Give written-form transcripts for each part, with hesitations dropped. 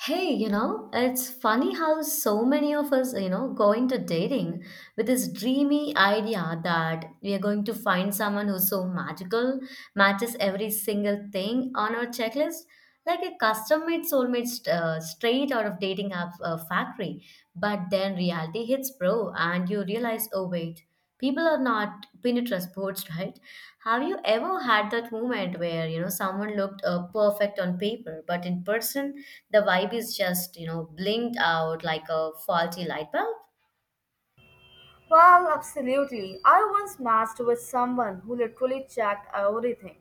Hey, it's funny how so many of us, go into dating with this dreamy idea that we are going to find someone who's so magical, matches every single thing on our checklist, like a custom made soulmate straight out of dating app factory. But then reality hits, bro, and you realize, oh, wait. People are not pinned to sports, right? Have you ever had that moment where someone looked perfect on paper, but in person the vibe is just blinked out like a faulty light bulb? Well, absolutely. I once matched with someone who literally checked everything.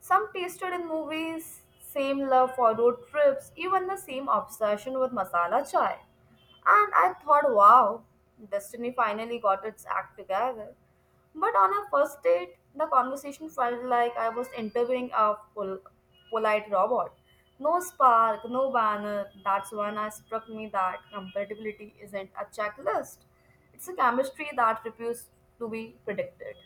Some tasted in movies, same love for road trips, even the same obsession with masala chai. And I thought, wow, destiny finally got its act together. But on our first date, the conversation felt like I was interviewing a polite robot. No spark, no banner. That's when I struck me that compatibility isn't a checklist. It's a chemistry that refuses to be predicted.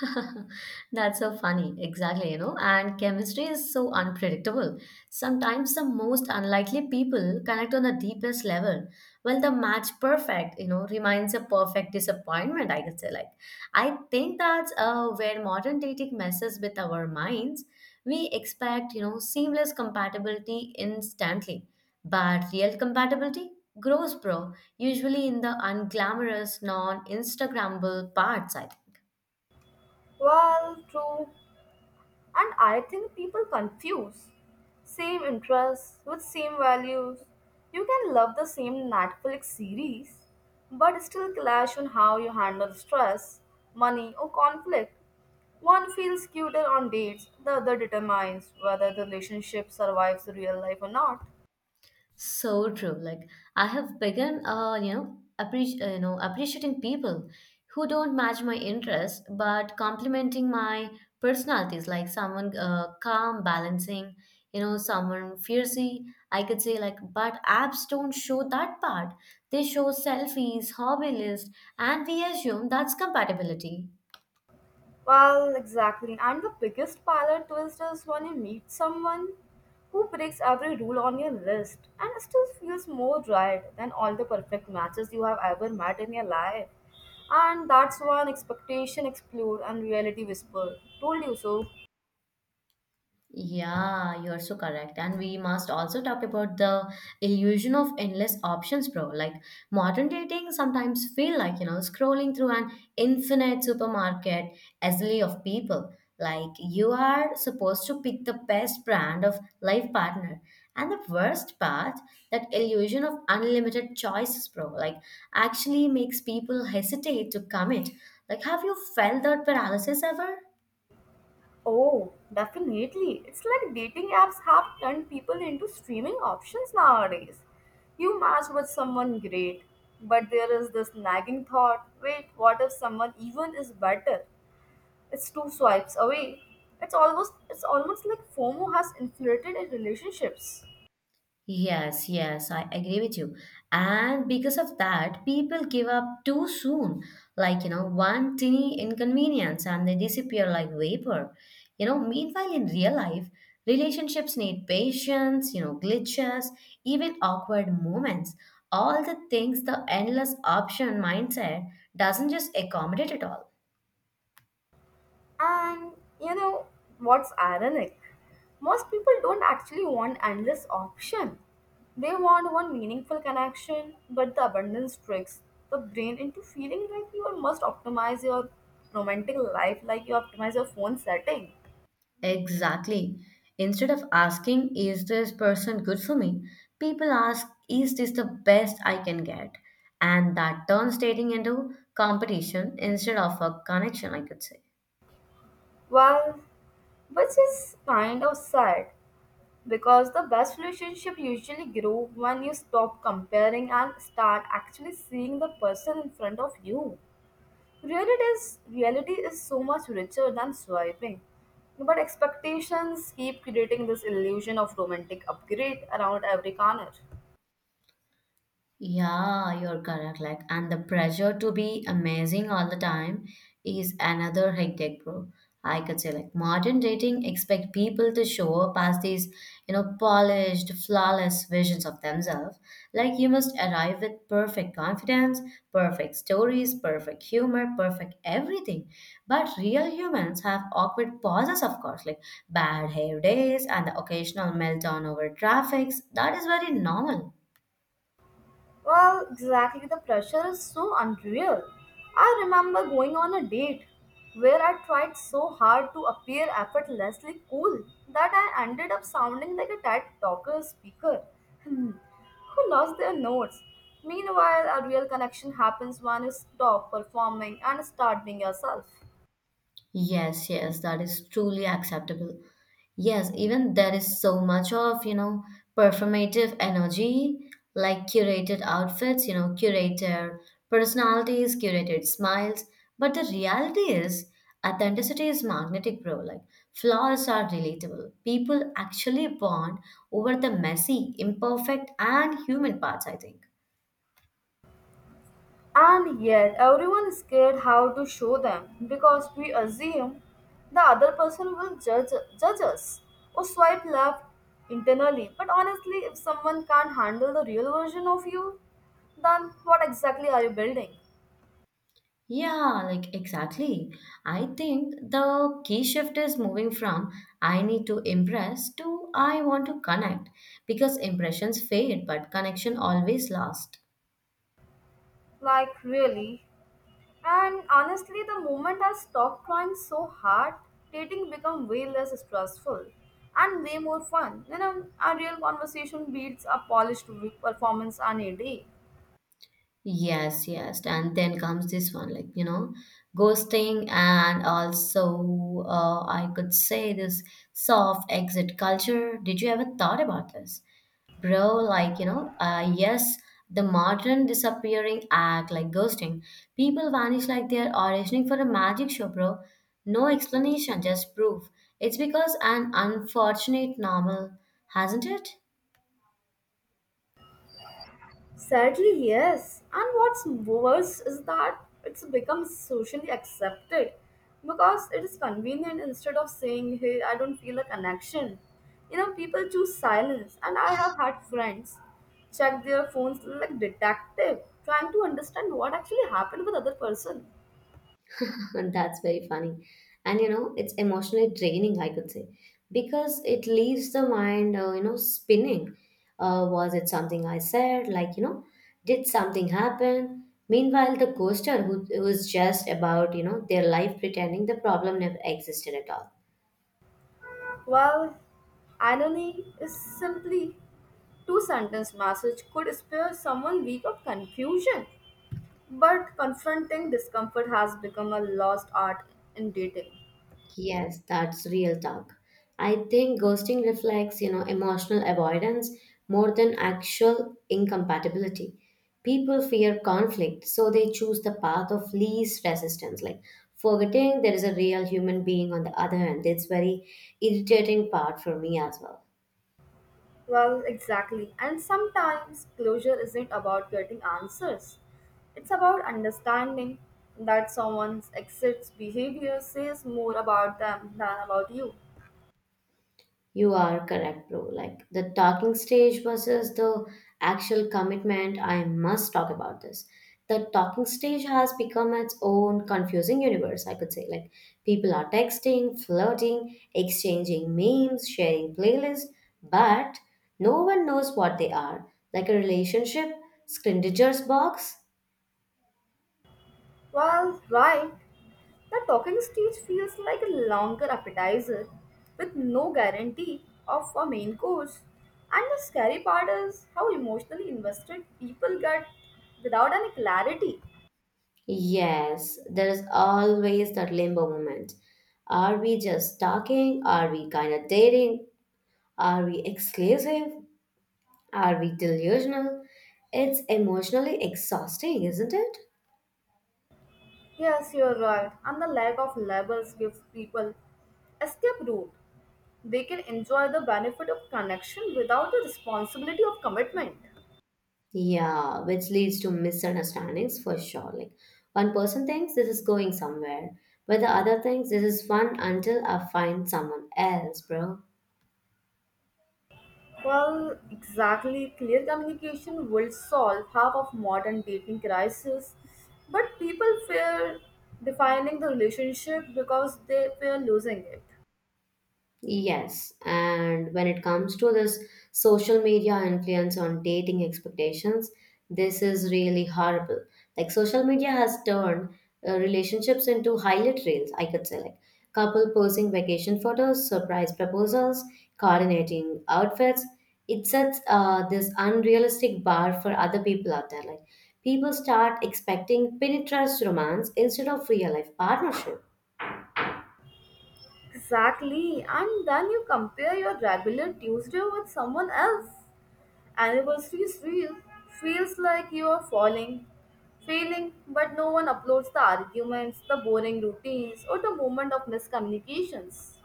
That's so funny. Exactly. And chemistry is so unpredictable. Sometimes the most unlikely people connect on the deepest level. Well, the match perfect, remains a perfect disappointment, I can say. Like, I think that's where modern dating messes with our minds. We expect, seamless compatibility instantly. But real compatibility grows, bro, usually in the unglamorous, non Instagrammable parts, I think. Well, true. And I think people confuse same interests with same values. You can love the same Netflix series, but still clash on how you handle stress, money, or conflict. One feels cuter on dates, the other determines whether the relationship survives real life or not. So true. Like I have begun, appreciating people who don't match my interest, but complementing my personalities. Like someone calm, balancing, someone fiercey. I could say like, but apps don't show that part. They show selfies, hobby list, and we assume that's compatibility. Well, exactly. And the biggest palate twist is when you meet someone who breaks every rule on your list and still feels more right than all the perfect matches you have ever met in your life. And that's when expectation explode and reality whisper. Told you so. Yeah, you're so correct. And we must also talk about the illusion of endless options, bro. Like modern dating sometimes feel like, scrolling through an infinite supermarket assembly of people. Like you are supposed to pick the best brand of life partner. And the worst part, that illusion of unlimited choices, bro, like actually makes people hesitate to commit. Like, have you felt that paralysis ever? Oh, definitely. It's like dating apps have turned people into streaming options nowadays. You match with someone great, but there is this nagging thought wait, what if someone even is better? It's two swipes away. It's almost like FOMO has infiltrated in relationships. Yes, yes, I agree with you. And because of that, people give up too soon. Like, one tiny inconvenience and they disappear like vapor. Meanwhile, in real life, relationships need patience, glitches, even awkward moments. All the things the endless option mindset doesn't just accommodate at all. And you know what's ironic? Most people don't actually want endless option. They want one meaningful connection, but the abundance tricks the brain into feeling like you must optimize your romantic life like you optimize your phone setting. Exactly. Instead of asking, is this person good for me? People ask, is this the best I can get? And that turns dating into competition instead of a connection, I could say. Well, which is kind of sad because the best relationship usually grow when you stop comparing and start actually seeing the person in front of you. Reality is so much richer than swiping, but expectations keep creating this illusion of romantic upgrade around every corner. Yeah, you're correct. Like, and the pressure to be amazing all the time is another hectic, bro. I could say, like, modern dating expect people to show up as these, polished, flawless visions of themselves. Like, you must arrive with perfect confidence, perfect stories, perfect humor, perfect everything. But real humans have awkward pauses, of course, like bad hair days and the occasional meltdown over traffics. That is very normal. Well, exactly, the pressure is so unreal. I remember going on a date where I tried so hard to appear effortlessly cool that I ended up sounding like a TED talker speaker who lost their notes. Meanwhile, a real connection happens when you stop performing and start being yourself. Yes, yes, that is truly acceptable. Yes, even there is so much of, performative energy, like curated outfits, curated personalities, curated smiles. But the reality is, authenticity is magnetic, bro. Like, flaws are relatable. People actually bond over the messy, imperfect, and human parts, I think. And yet, everyone is scared how to show them because we assume the other person will judge us or swipe left internally. But honestly, if someone can't handle the real version of you, then what exactly are you building? Yeah, like exactly. I think the key shift is moving from I need to impress to I want to connect because impressions fade, but connection always lasts. Like, really? And honestly, the moment I stopped trying so hard, dating became way less stressful and way more fun. You know, a real conversation beats a polished performance any day. Yes, yes. And then comes this one, like, ghosting, and also, I could say this soft exit culture. Did you ever thought about this? Bro, like, yes, the modern disappearing act, like ghosting, people vanish like they're auditioning for a magic show, bro. No explanation, just proof. It's because an unfortunate normal, hasn't it? Sadly, yes. And what's worse is that it's become socially accepted because it is convenient instead of saying, hey, I don't feel a connection. You know, people choose silence, and I have had friends check their phones like detective, trying to understand what actually happened with other person. That's very funny. And you know, it's emotionally draining, I could say, because it leaves the mind, spinning. Was it something I said? Like, did something happen? Meanwhile, the ghoster who was just about, their life pretending the problem never existed at all. Well, irony is simply two sentence message could spare someone week of confusion. But confronting discomfort has become a lost art in dating. Yes, that's real talk. I think ghosting reflects, emotional avoidance more than actual incompatibility. People fear conflict, so they choose the path of least resistance, like forgetting there is a real human being on the other hand. It's very irritating part for me as well. Well, exactly. And sometimes closure isn't about getting answers, it's about understanding that someone's exits behavior says more about them than about you. You are correct, bro. Like the talking stage versus the actual commitment, I must talk about this. The talking stage has become its own confusing universe, I could say. Like people are texting, flirting, exchanging memes, sharing playlists, but no one knows what they are. Like a relationship, Scrindiger's box? Well, right. The talking stage feels like a longer appetizer with no guarantee of a main course. And the scary part is how emotionally invested people get without any clarity. Yes, there is always that limbo moment. Are we just talking? Are we kind of dating? Are we exclusive? Are we delusional? It's emotionally exhausting, isn't it? Yes, you're right. And the lack of labels gives people escape route. They can enjoy the benefit of connection without the responsibility of commitment. Yeah, which leads to misunderstandings for sure. Like one person thinks this is going somewhere, but the other thinks this is fun until I find someone else, bro. Well, exactly. Clear communication will solve half of modern dating crisis, but people fear defining the relationship because they fear losing it. Yes, and when it comes to this social media influence on dating expectations, this is really horrible. Like social media has turned relationships into highlight reels, I could say, like couple posing vacation photos, surprise proposals, coordinating outfits. It sets this unrealistic bar for other people out there. Like people start expecting Pinterest romance instead of real life partnership. Exactly, and then you compare your regular Tuesday with someone else. Anniversaries real feels like you are falling, failing, but no one uploads the arguments, the boring routines, or the moment of miscommunications.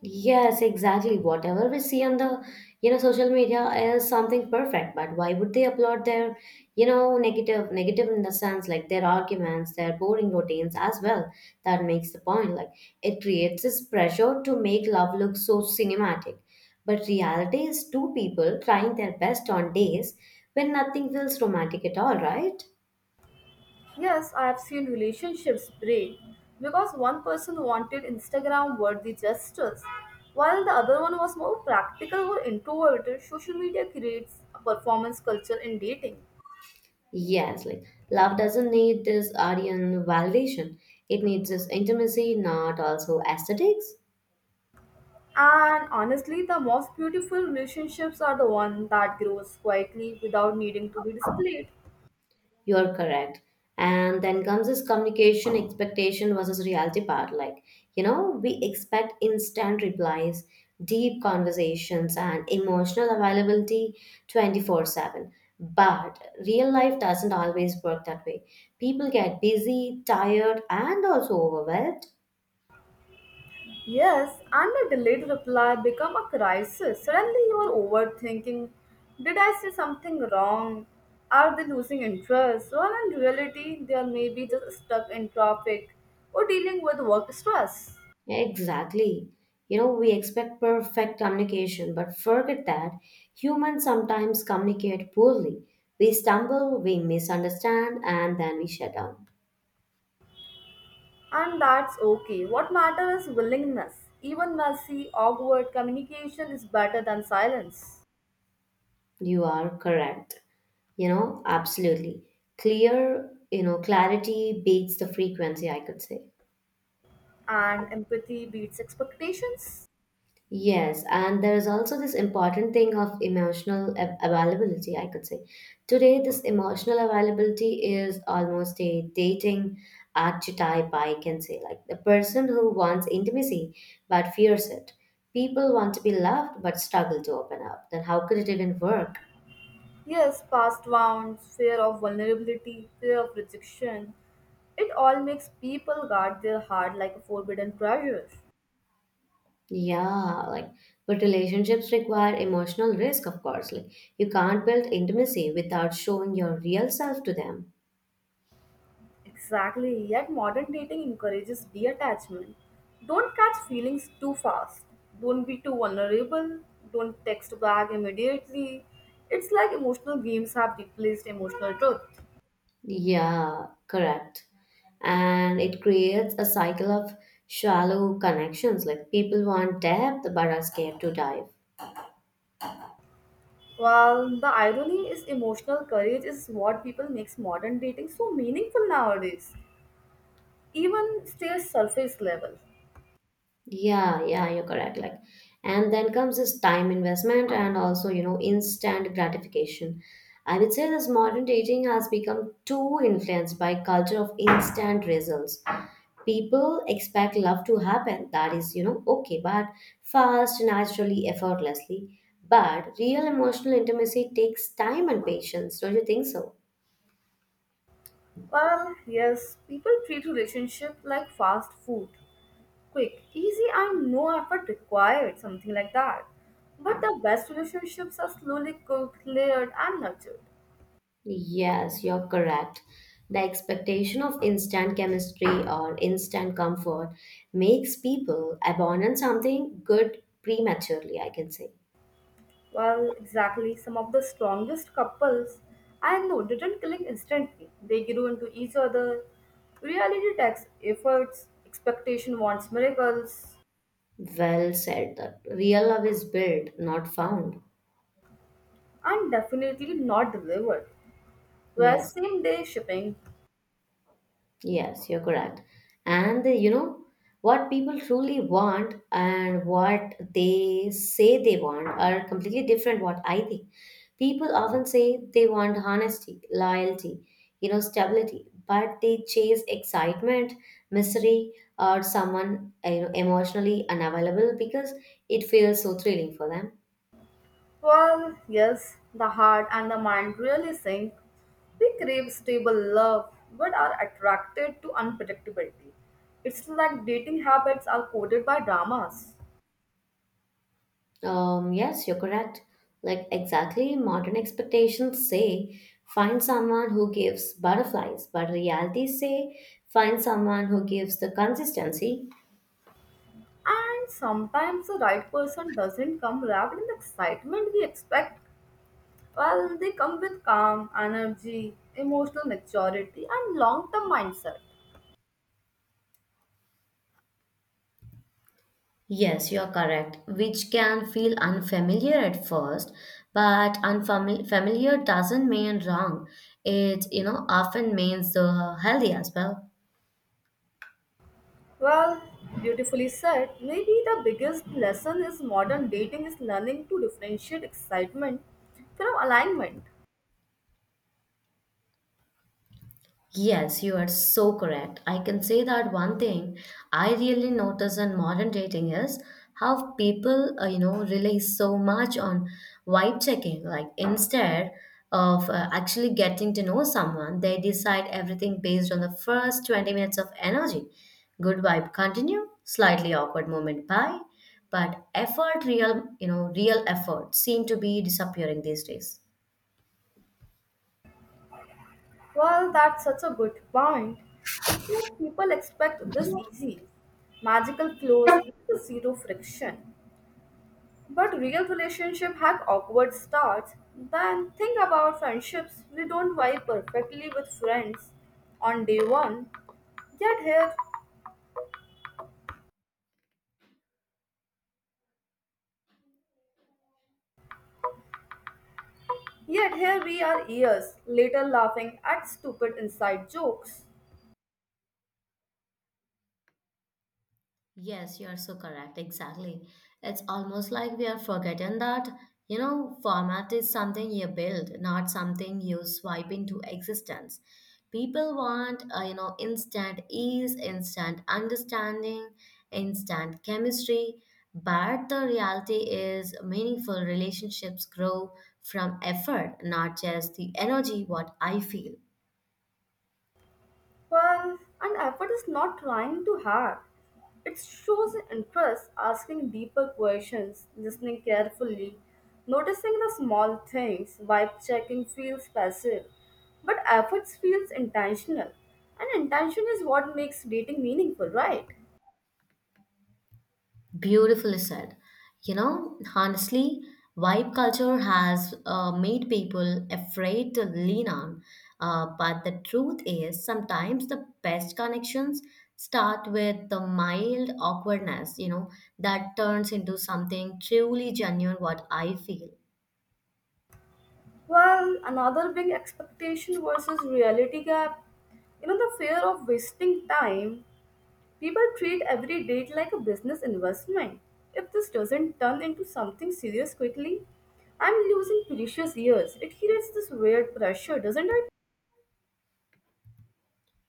Yes, exactly. Whatever we see on the, social media is something perfect, but why would they upload their, negative in the sense like their arguments, their boring routines as well? That makes the point. Like it creates this pressure to make love look so cinematic. But reality is two people trying their best on days when nothing feels romantic at all, right? Yes, I have seen relationships break because one person wanted Instagram worthy gestures, while the other one was more practical or introverted. Social media creates a performance culture in dating. Yes, like love doesn't need this Aryan validation. It needs this intimacy, not also aesthetics. And honestly, the most beautiful relationships are the one that grows quietly without needing to be displayed. You're correct. And then comes this communication expectation versus reality part. Like, we expect instant replies, deep conversations, and emotional availability 24/7. But real life doesn't always work that way. People get busy, tired, and also overwhelmed. Yes, and a delayed reply become a crisis. Suddenly you are overthinking. Did I say something wrong? Are they losing interest? Well, in reality, they are maybe just stuck in traffic or dealing with work stress. Yeah, exactly. We expect perfect communication, but forget that humans sometimes communicate poorly. We stumble, we misunderstand, and then we shut down. And that's okay. What matters is willingness. Even messy, awkward communication is better than silence. You are correct. You know, absolutely. Clarity beats the frequency, I could say. And empathy beats expectations. Yes, and there is also this important thing of emotional availability, I could say. Today, this emotional availability is almost a dating archetype, I can say, like the person who wants intimacy but fears it. People want to be loved but struggle to open up. Then, how could it even work? Yes, past wounds, fear of vulnerability, fear of rejection. It all makes people guard their heart like a forbidden treasure. Yeah, like, but relationships require emotional risk, of course. Like, you can't build intimacy without showing your real self to them. Exactly, yet modern dating encourages detachment. Don't catch feelings too fast. Don't be too vulnerable. Don't text back immediately. It's like emotional games have replaced emotional truth. Yeah, correct. And it creates a cycle of shallow connections. Like people want depth but are scared to dive. Well, the irony is emotional courage is what people makes modern dating so meaningful nowadays. Even stays surface level. Yeah, yeah, you're correct. Like, and then comes this time investment and also, instant gratification. I would say this modern dating has become too influenced by culture of instant results. People expect love to happen. That is, okay, but fast, naturally, effortlessly. But real emotional intimacy takes time and patience. Don't you think so? Well, yes, people treat relationship like fast food, quick, easy, and no effort required, something like that. But the best relationships are slowly cooked, layered, and nurtured. Yes, you're correct. The expectation of instant chemistry or instant comfort makes people abandon something good prematurely, I can say. Well, exactly, some of the strongest couples I know didn't click instantly. They grew into each other. Reality takes efforts, expectation wants miracles, Well said that real love is built, not found. and definitely not delivered. Whereas Yes. same day shipping. Yes, you're correct. And what people truly want and what they say they want are completely different what I think. People often say they want honesty, loyalty, stability, but they chase excitement, misery, or someone emotionally unavailable because it feels so thrilling for them. Well, yes, the heart and the mind really sink. We crave stable love but are attracted to unpredictability. It's like dating habits are coded by dramas. Yes, you're correct. Like exactly, modern expectations say find someone who gives butterflies, but reality say find someone who gives the consistency. And sometimes the right person doesn't come wrapped in the excitement we expect. Well, they come with calm, energy, emotional maturity, and long term mindset. Yes, you're correct, which can feel unfamiliar at first, but unfamiliar doesn't mean wrong. It, often means the healthy as well. Well, beautifully said. Maybe the biggest lesson is modern dating is learning to differentiate excitement from alignment. Yes, you are so correct. I can say that one thing I really notice in modern dating is how people, rely so much on vibe checking. Like instead of actually getting to know someone, they decide everything based on the first 20 minutes of energy. Good vibe continue, slightly awkward moment bye, but effort, real effort seem to be disappearing these days. Well, that's such a good point. It's like people expect this easy, magical flows with zero friction. But real relationship have awkward starts. Then think about friendships. We don't vibe perfectly with friends on day one. Yet here Yet here we are years later laughing at stupid inside jokes. Yes, you are so correct. Exactly. It's almost like we are forgotten that, format is something you build, not something you swipe into existence. People want, instant ease, instant understanding, instant chemistry. But the reality is, meaningful relationships grow from effort, not just the energy, what I feel. Well, an effort is not trying too hard. It shows interest, asking deeper questions, listening carefully, noticing the small things, vibe checking feels passive. But efforts feels intentional. And intention is what makes dating meaningful, right? Beautifully said. You know, honestly, vibe culture has made people afraid to lean on. But the truth is, sometimes the best connections start with the mild awkwardness, that turns into something truly genuine, what I feel. Well, another big expectation versus reality gap, you know, the fear of wasting time. People treat every date like a business investment. If this doesn't turn into something serious quickly, I'm losing precious years. It creates this weird pressure, doesn't it?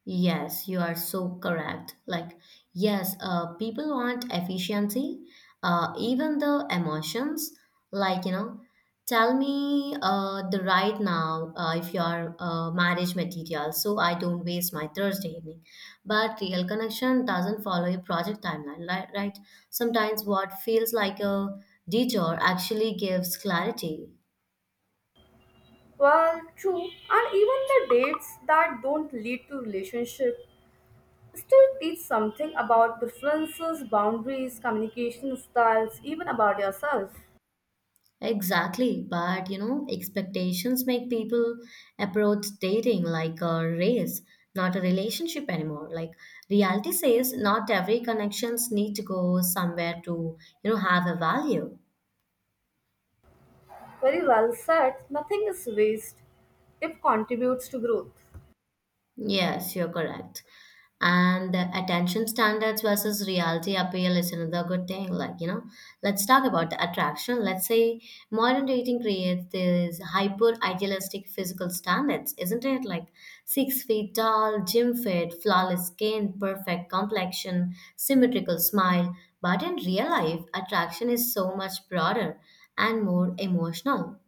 Yes, you are so correct. Like, yes, people want efficiency, even the emotions. Like, tell me the right now if you are marriage material, so I don't waste my Thursday evening. But real connection doesn't follow a project timeline, right? Sometimes what feels like a detour actually gives clarity. Well, true. And even the dates that don't lead to relationship still teach something about preferences, boundaries, communication styles, even about yourself. Exactly, but expectations make people approach dating like a race, not a relationship anymore. Like reality says not every connections need to go somewhere to have a value. Very well said. Nothing is waste if contributes to growth. Yes, you're correct. And the attention standards versus reality appeal is another good thing. Like, let's talk about the attraction. Let's say modern dating creates this hyper idealistic physical standards, isn't it? Like 6 feet tall, gym fit, flawless skin, perfect complexion, symmetrical smile. But in real life, attraction is so much broader and more emotional.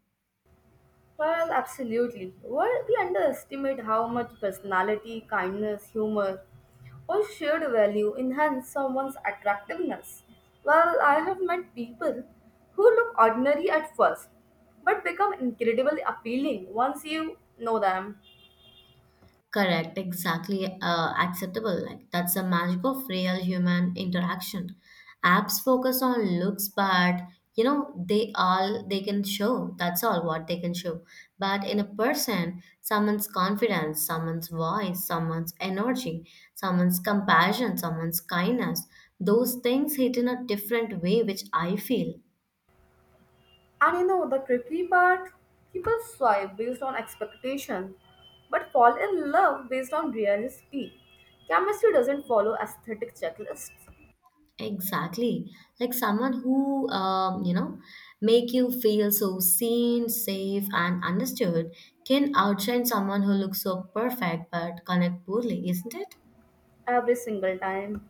Well, absolutely. Well, we underestimate how much personality, kindness, humor, or shared value enhance someone's attractiveness. Well, I have met people who look ordinary at first, but become incredibly appealing once you know them. Correct, exactly acceptable. Like that's the magic of real human interaction. Apps focus on looks, but they can show. That's all what they can show. But in a person, someone's confidence, someone's voice, someone's energy, someone's compassion, someone's kindness. Those things hit in a different way, which I feel. And you know, the tricky part, people swipe based on expectation, but fall in love based on reality. Chemistry doesn't follow aesthetic checklists Exactly. Like someone who, make you feel so seen, safe, and understood can outshine someone who looks so perfect but connect poorly, isn't it? every single time.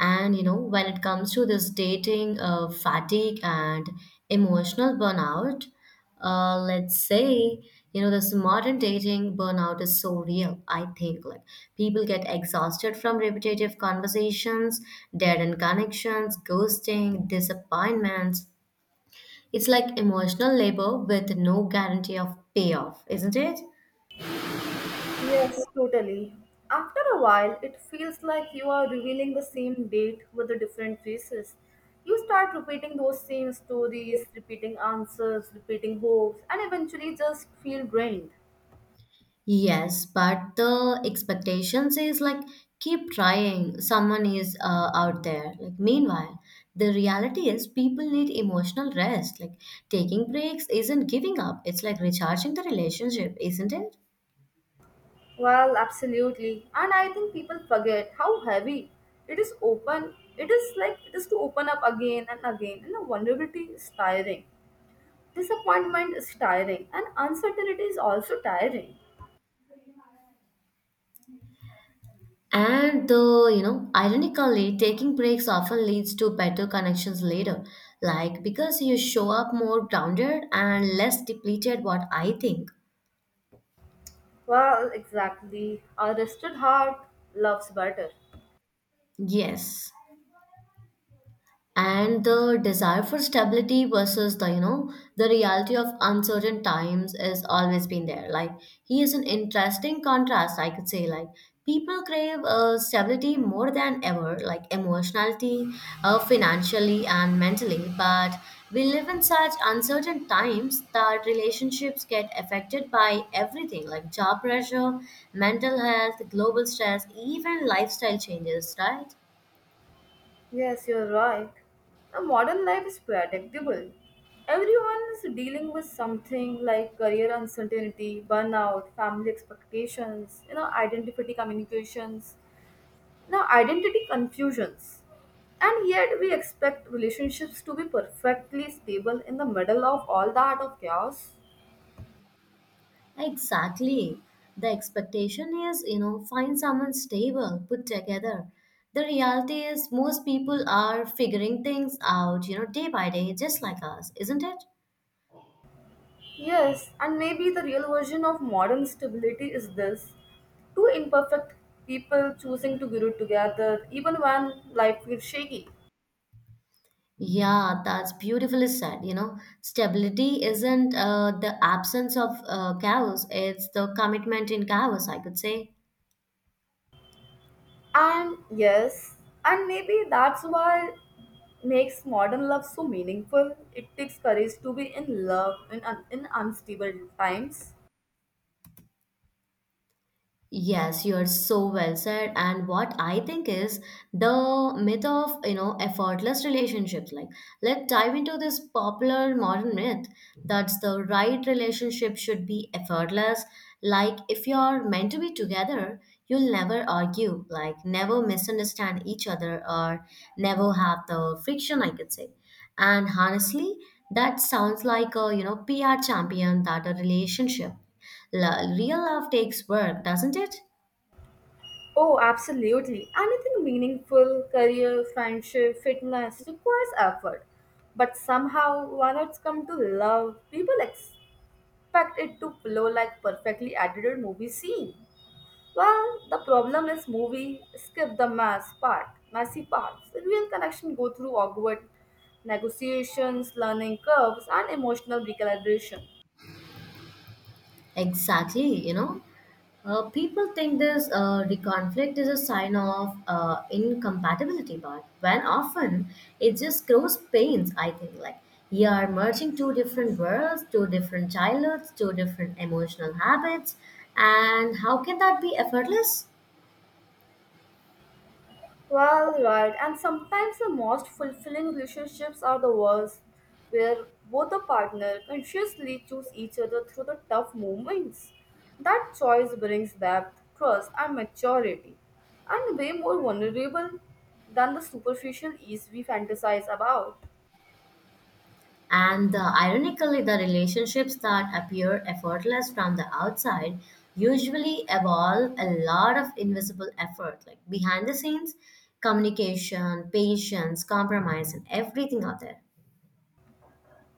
And you know, when it comes to this dating fatigue and emotional burnout, let's say, this modern dating burnout is so real. I think like people get exhausted from repetitive conversations, dead end connections, ghosting, disappointments. It's like emotional labor with no guarantee of payoff, isn't it? Yes, totally. After a while, it feels like you are revealing the same date with the different faces. You start repeating those same stories, repeating answers, repeating hopes, and eventually just feel drained. Yes, but the expectations is like keep trying. Someone is out there. Like meanwhile, the reality is people need emotional rest. Like taking breaks isn't giving up. It's like recharging the relationship, isn't it? Well, absolutely. And I think people forget how heavy it is open. It is like it is to open up again and again, and the vulnerability is tiring. Disappointment is tiring, and uncertainty is also tiring. And the you know, ironically, taking breaks often leads to better connections later. Like because you show up more grounded and less depleted. What I think. Well, exactly. A rested heart loves better. Yes. And the desire for stability versus the you know the reality of uncertain times has always been there. Like he is an interesting contrast, I could say. Like people crave stability more than ever, like emotionality, financially and mentally, but we live in such uncertain times that relationships get affected by everything, like job pressure, mental health, global stress, even lifestyle changes, right? Yes, you're right. A modern life is predictable. Everyone is dealing with something like career uncertainty, burnout, family expectations, you know, identity communications, you know, identity confusions. And yet we expect relationships to be perfectly stable in the middle of all that of chaos. Exactly. The expectation is, find someone stable, put together. The reality is, most people are figuring things out, day by day, just like us, isn't it? Yes, and maybe the real version of modern stability is this two imperfect people choosing to grow together even when life feels shaky. Yeah, that's beautifully said. You know, stability isn't the absence of chaos, it's the commitment in chaos, I could say. And yes, and maybe that's why makes modern love so meaningful. It takes courage to be in love in, in unstable times. Yes, you are so well said. And what I think is the myth of, effortless relationships. Like, let's dive into this popular modern myth that the right relationship should be effortless. Like, if you're meant to be together, you'll never argue, like, never misunderstand each other, or never have the friction, I could say. And honestly, that sounds like a, PR champion that a relationship. Real love takes work, doesn't it? Oh, absolutely. Anything meaningful, career, friendship, fitness requires effort. But somehow, when it's come to love, people ex. Fact, it to flow like perfectly edited movie scene. Well, the problem is movie skip the mass part, messy parts. The real connection go through awkward negotiations, learning curves, and emotional recalibration. Exactly, you know. People think this the conflict is a sign of incompatibility, but when often it just grows pains, I think. Like, you are merging two different worlds, two different childhoods, two different emotional habits, and how can that be effortless? Well, right, and sometimes the most fulfilling relationships are the ones where both the partner consciously choose each other through the tough moments. That choice brings depth, trust, and maturity, and way more vulnerable than the superficial ease we fantasize about. And the, ironically, the relationships that appear effortless from the outside usually evolve a lot of invisible effort, like behind the scenes, communication, patience, compromise, and everything out there.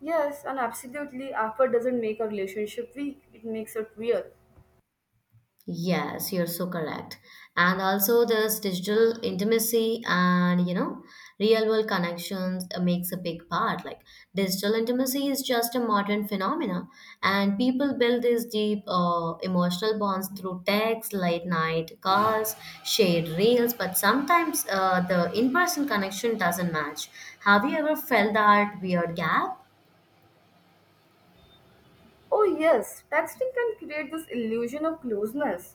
Yes, and absolutely, effort doesn't make a relationship weak; it makes it real. Yes, you're so correct. And also this digital intimacy and real world connections makes a big part. Like digital intimacy is just a modern phenomena, and people build these deep emotional bonds through text, late night calls, shared reels. But sometimes the in person connection doesn't match. Have you ever felt that weird gap? Oh, yes, texting can create this illusion of closeness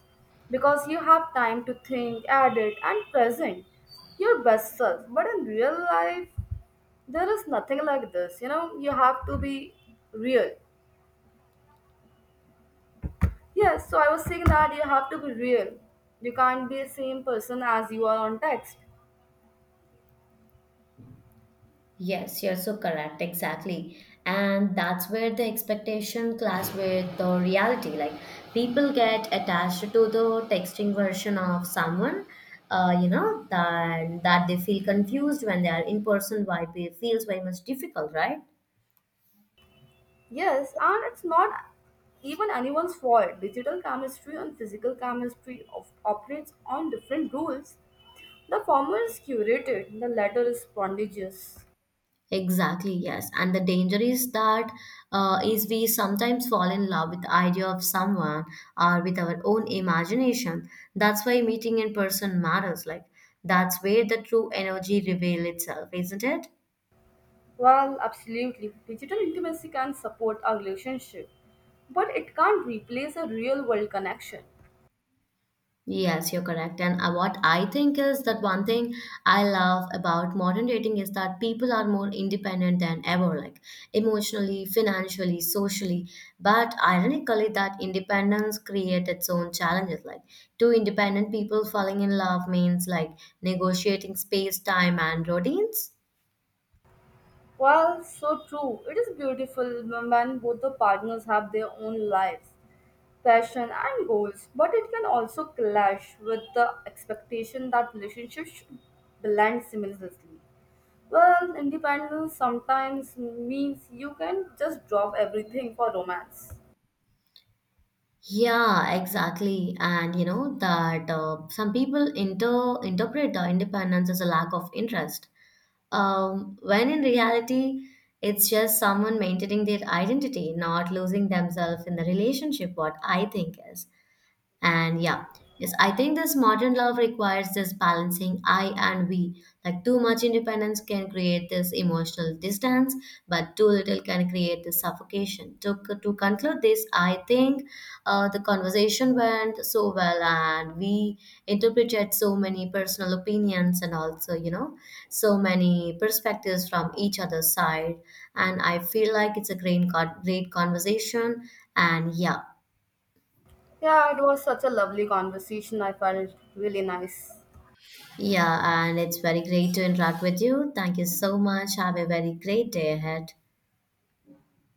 because you have time to think, edit, and present your best self. But in real life, there is nothing like this. You know, you have to be real. Yes, so I was saying that you have to be real. You can't be the same person as you are on text. Yes, you're so correct. Exactly. And that's where the expectation clash with the reality. Like people get attached to the texting version of someone, that they feel confused when they are in person, why it feels very much difficult, right? Yes, and it's not even anyone's fault. Digital chemistry and physical chemistry of, operates on different rules. The former is curated, the latter is prodigious. Exactly, yes. And the danger is that is we sometimes fall in love with the idea of someone or with our own imagination. That's why meeting in person matters. Like that's where the true energy reveal itself, isn't it? Well, absolutely. Digital intimacy can support our relationship, but it can't replace a real world connection. Yes, you're correct. And what I think is that one thing I love about modern dating is that people are more independent than ever, like emotionally, financially, socially. But ironically, that independence creates its own challenges. Like two independent people falling in love means like negotiating space, time, and routines. Well, so true. It is beautiful when both the partners have their own lives, passion, and goals, but it can also clash with the expectation that relationships should blend seamlessly. Well, independence sometimes means you can just drop everything for romance. Yeah, exactly. And you know that some people interpret the independence as a lack of interest. When in reality, it's just someone maintaining their identity, not losing themselves in the relationship, what I think is. And yeah, yes, I think this modern love requires this balancing I and we. Like too much independence can create this emotional distance, but too little can create this suffocation. To conclude this, I think the conversation went so well and we interpreted so many personal opinions and also, so many perspectives from each other's side. And I feel like it's a great, great conversation. And yeah, Yeah, it was such a lovely conversation. I felt really nice. yeah, and it's very great to interact with you. Thank you so much. Have a very great day ahead.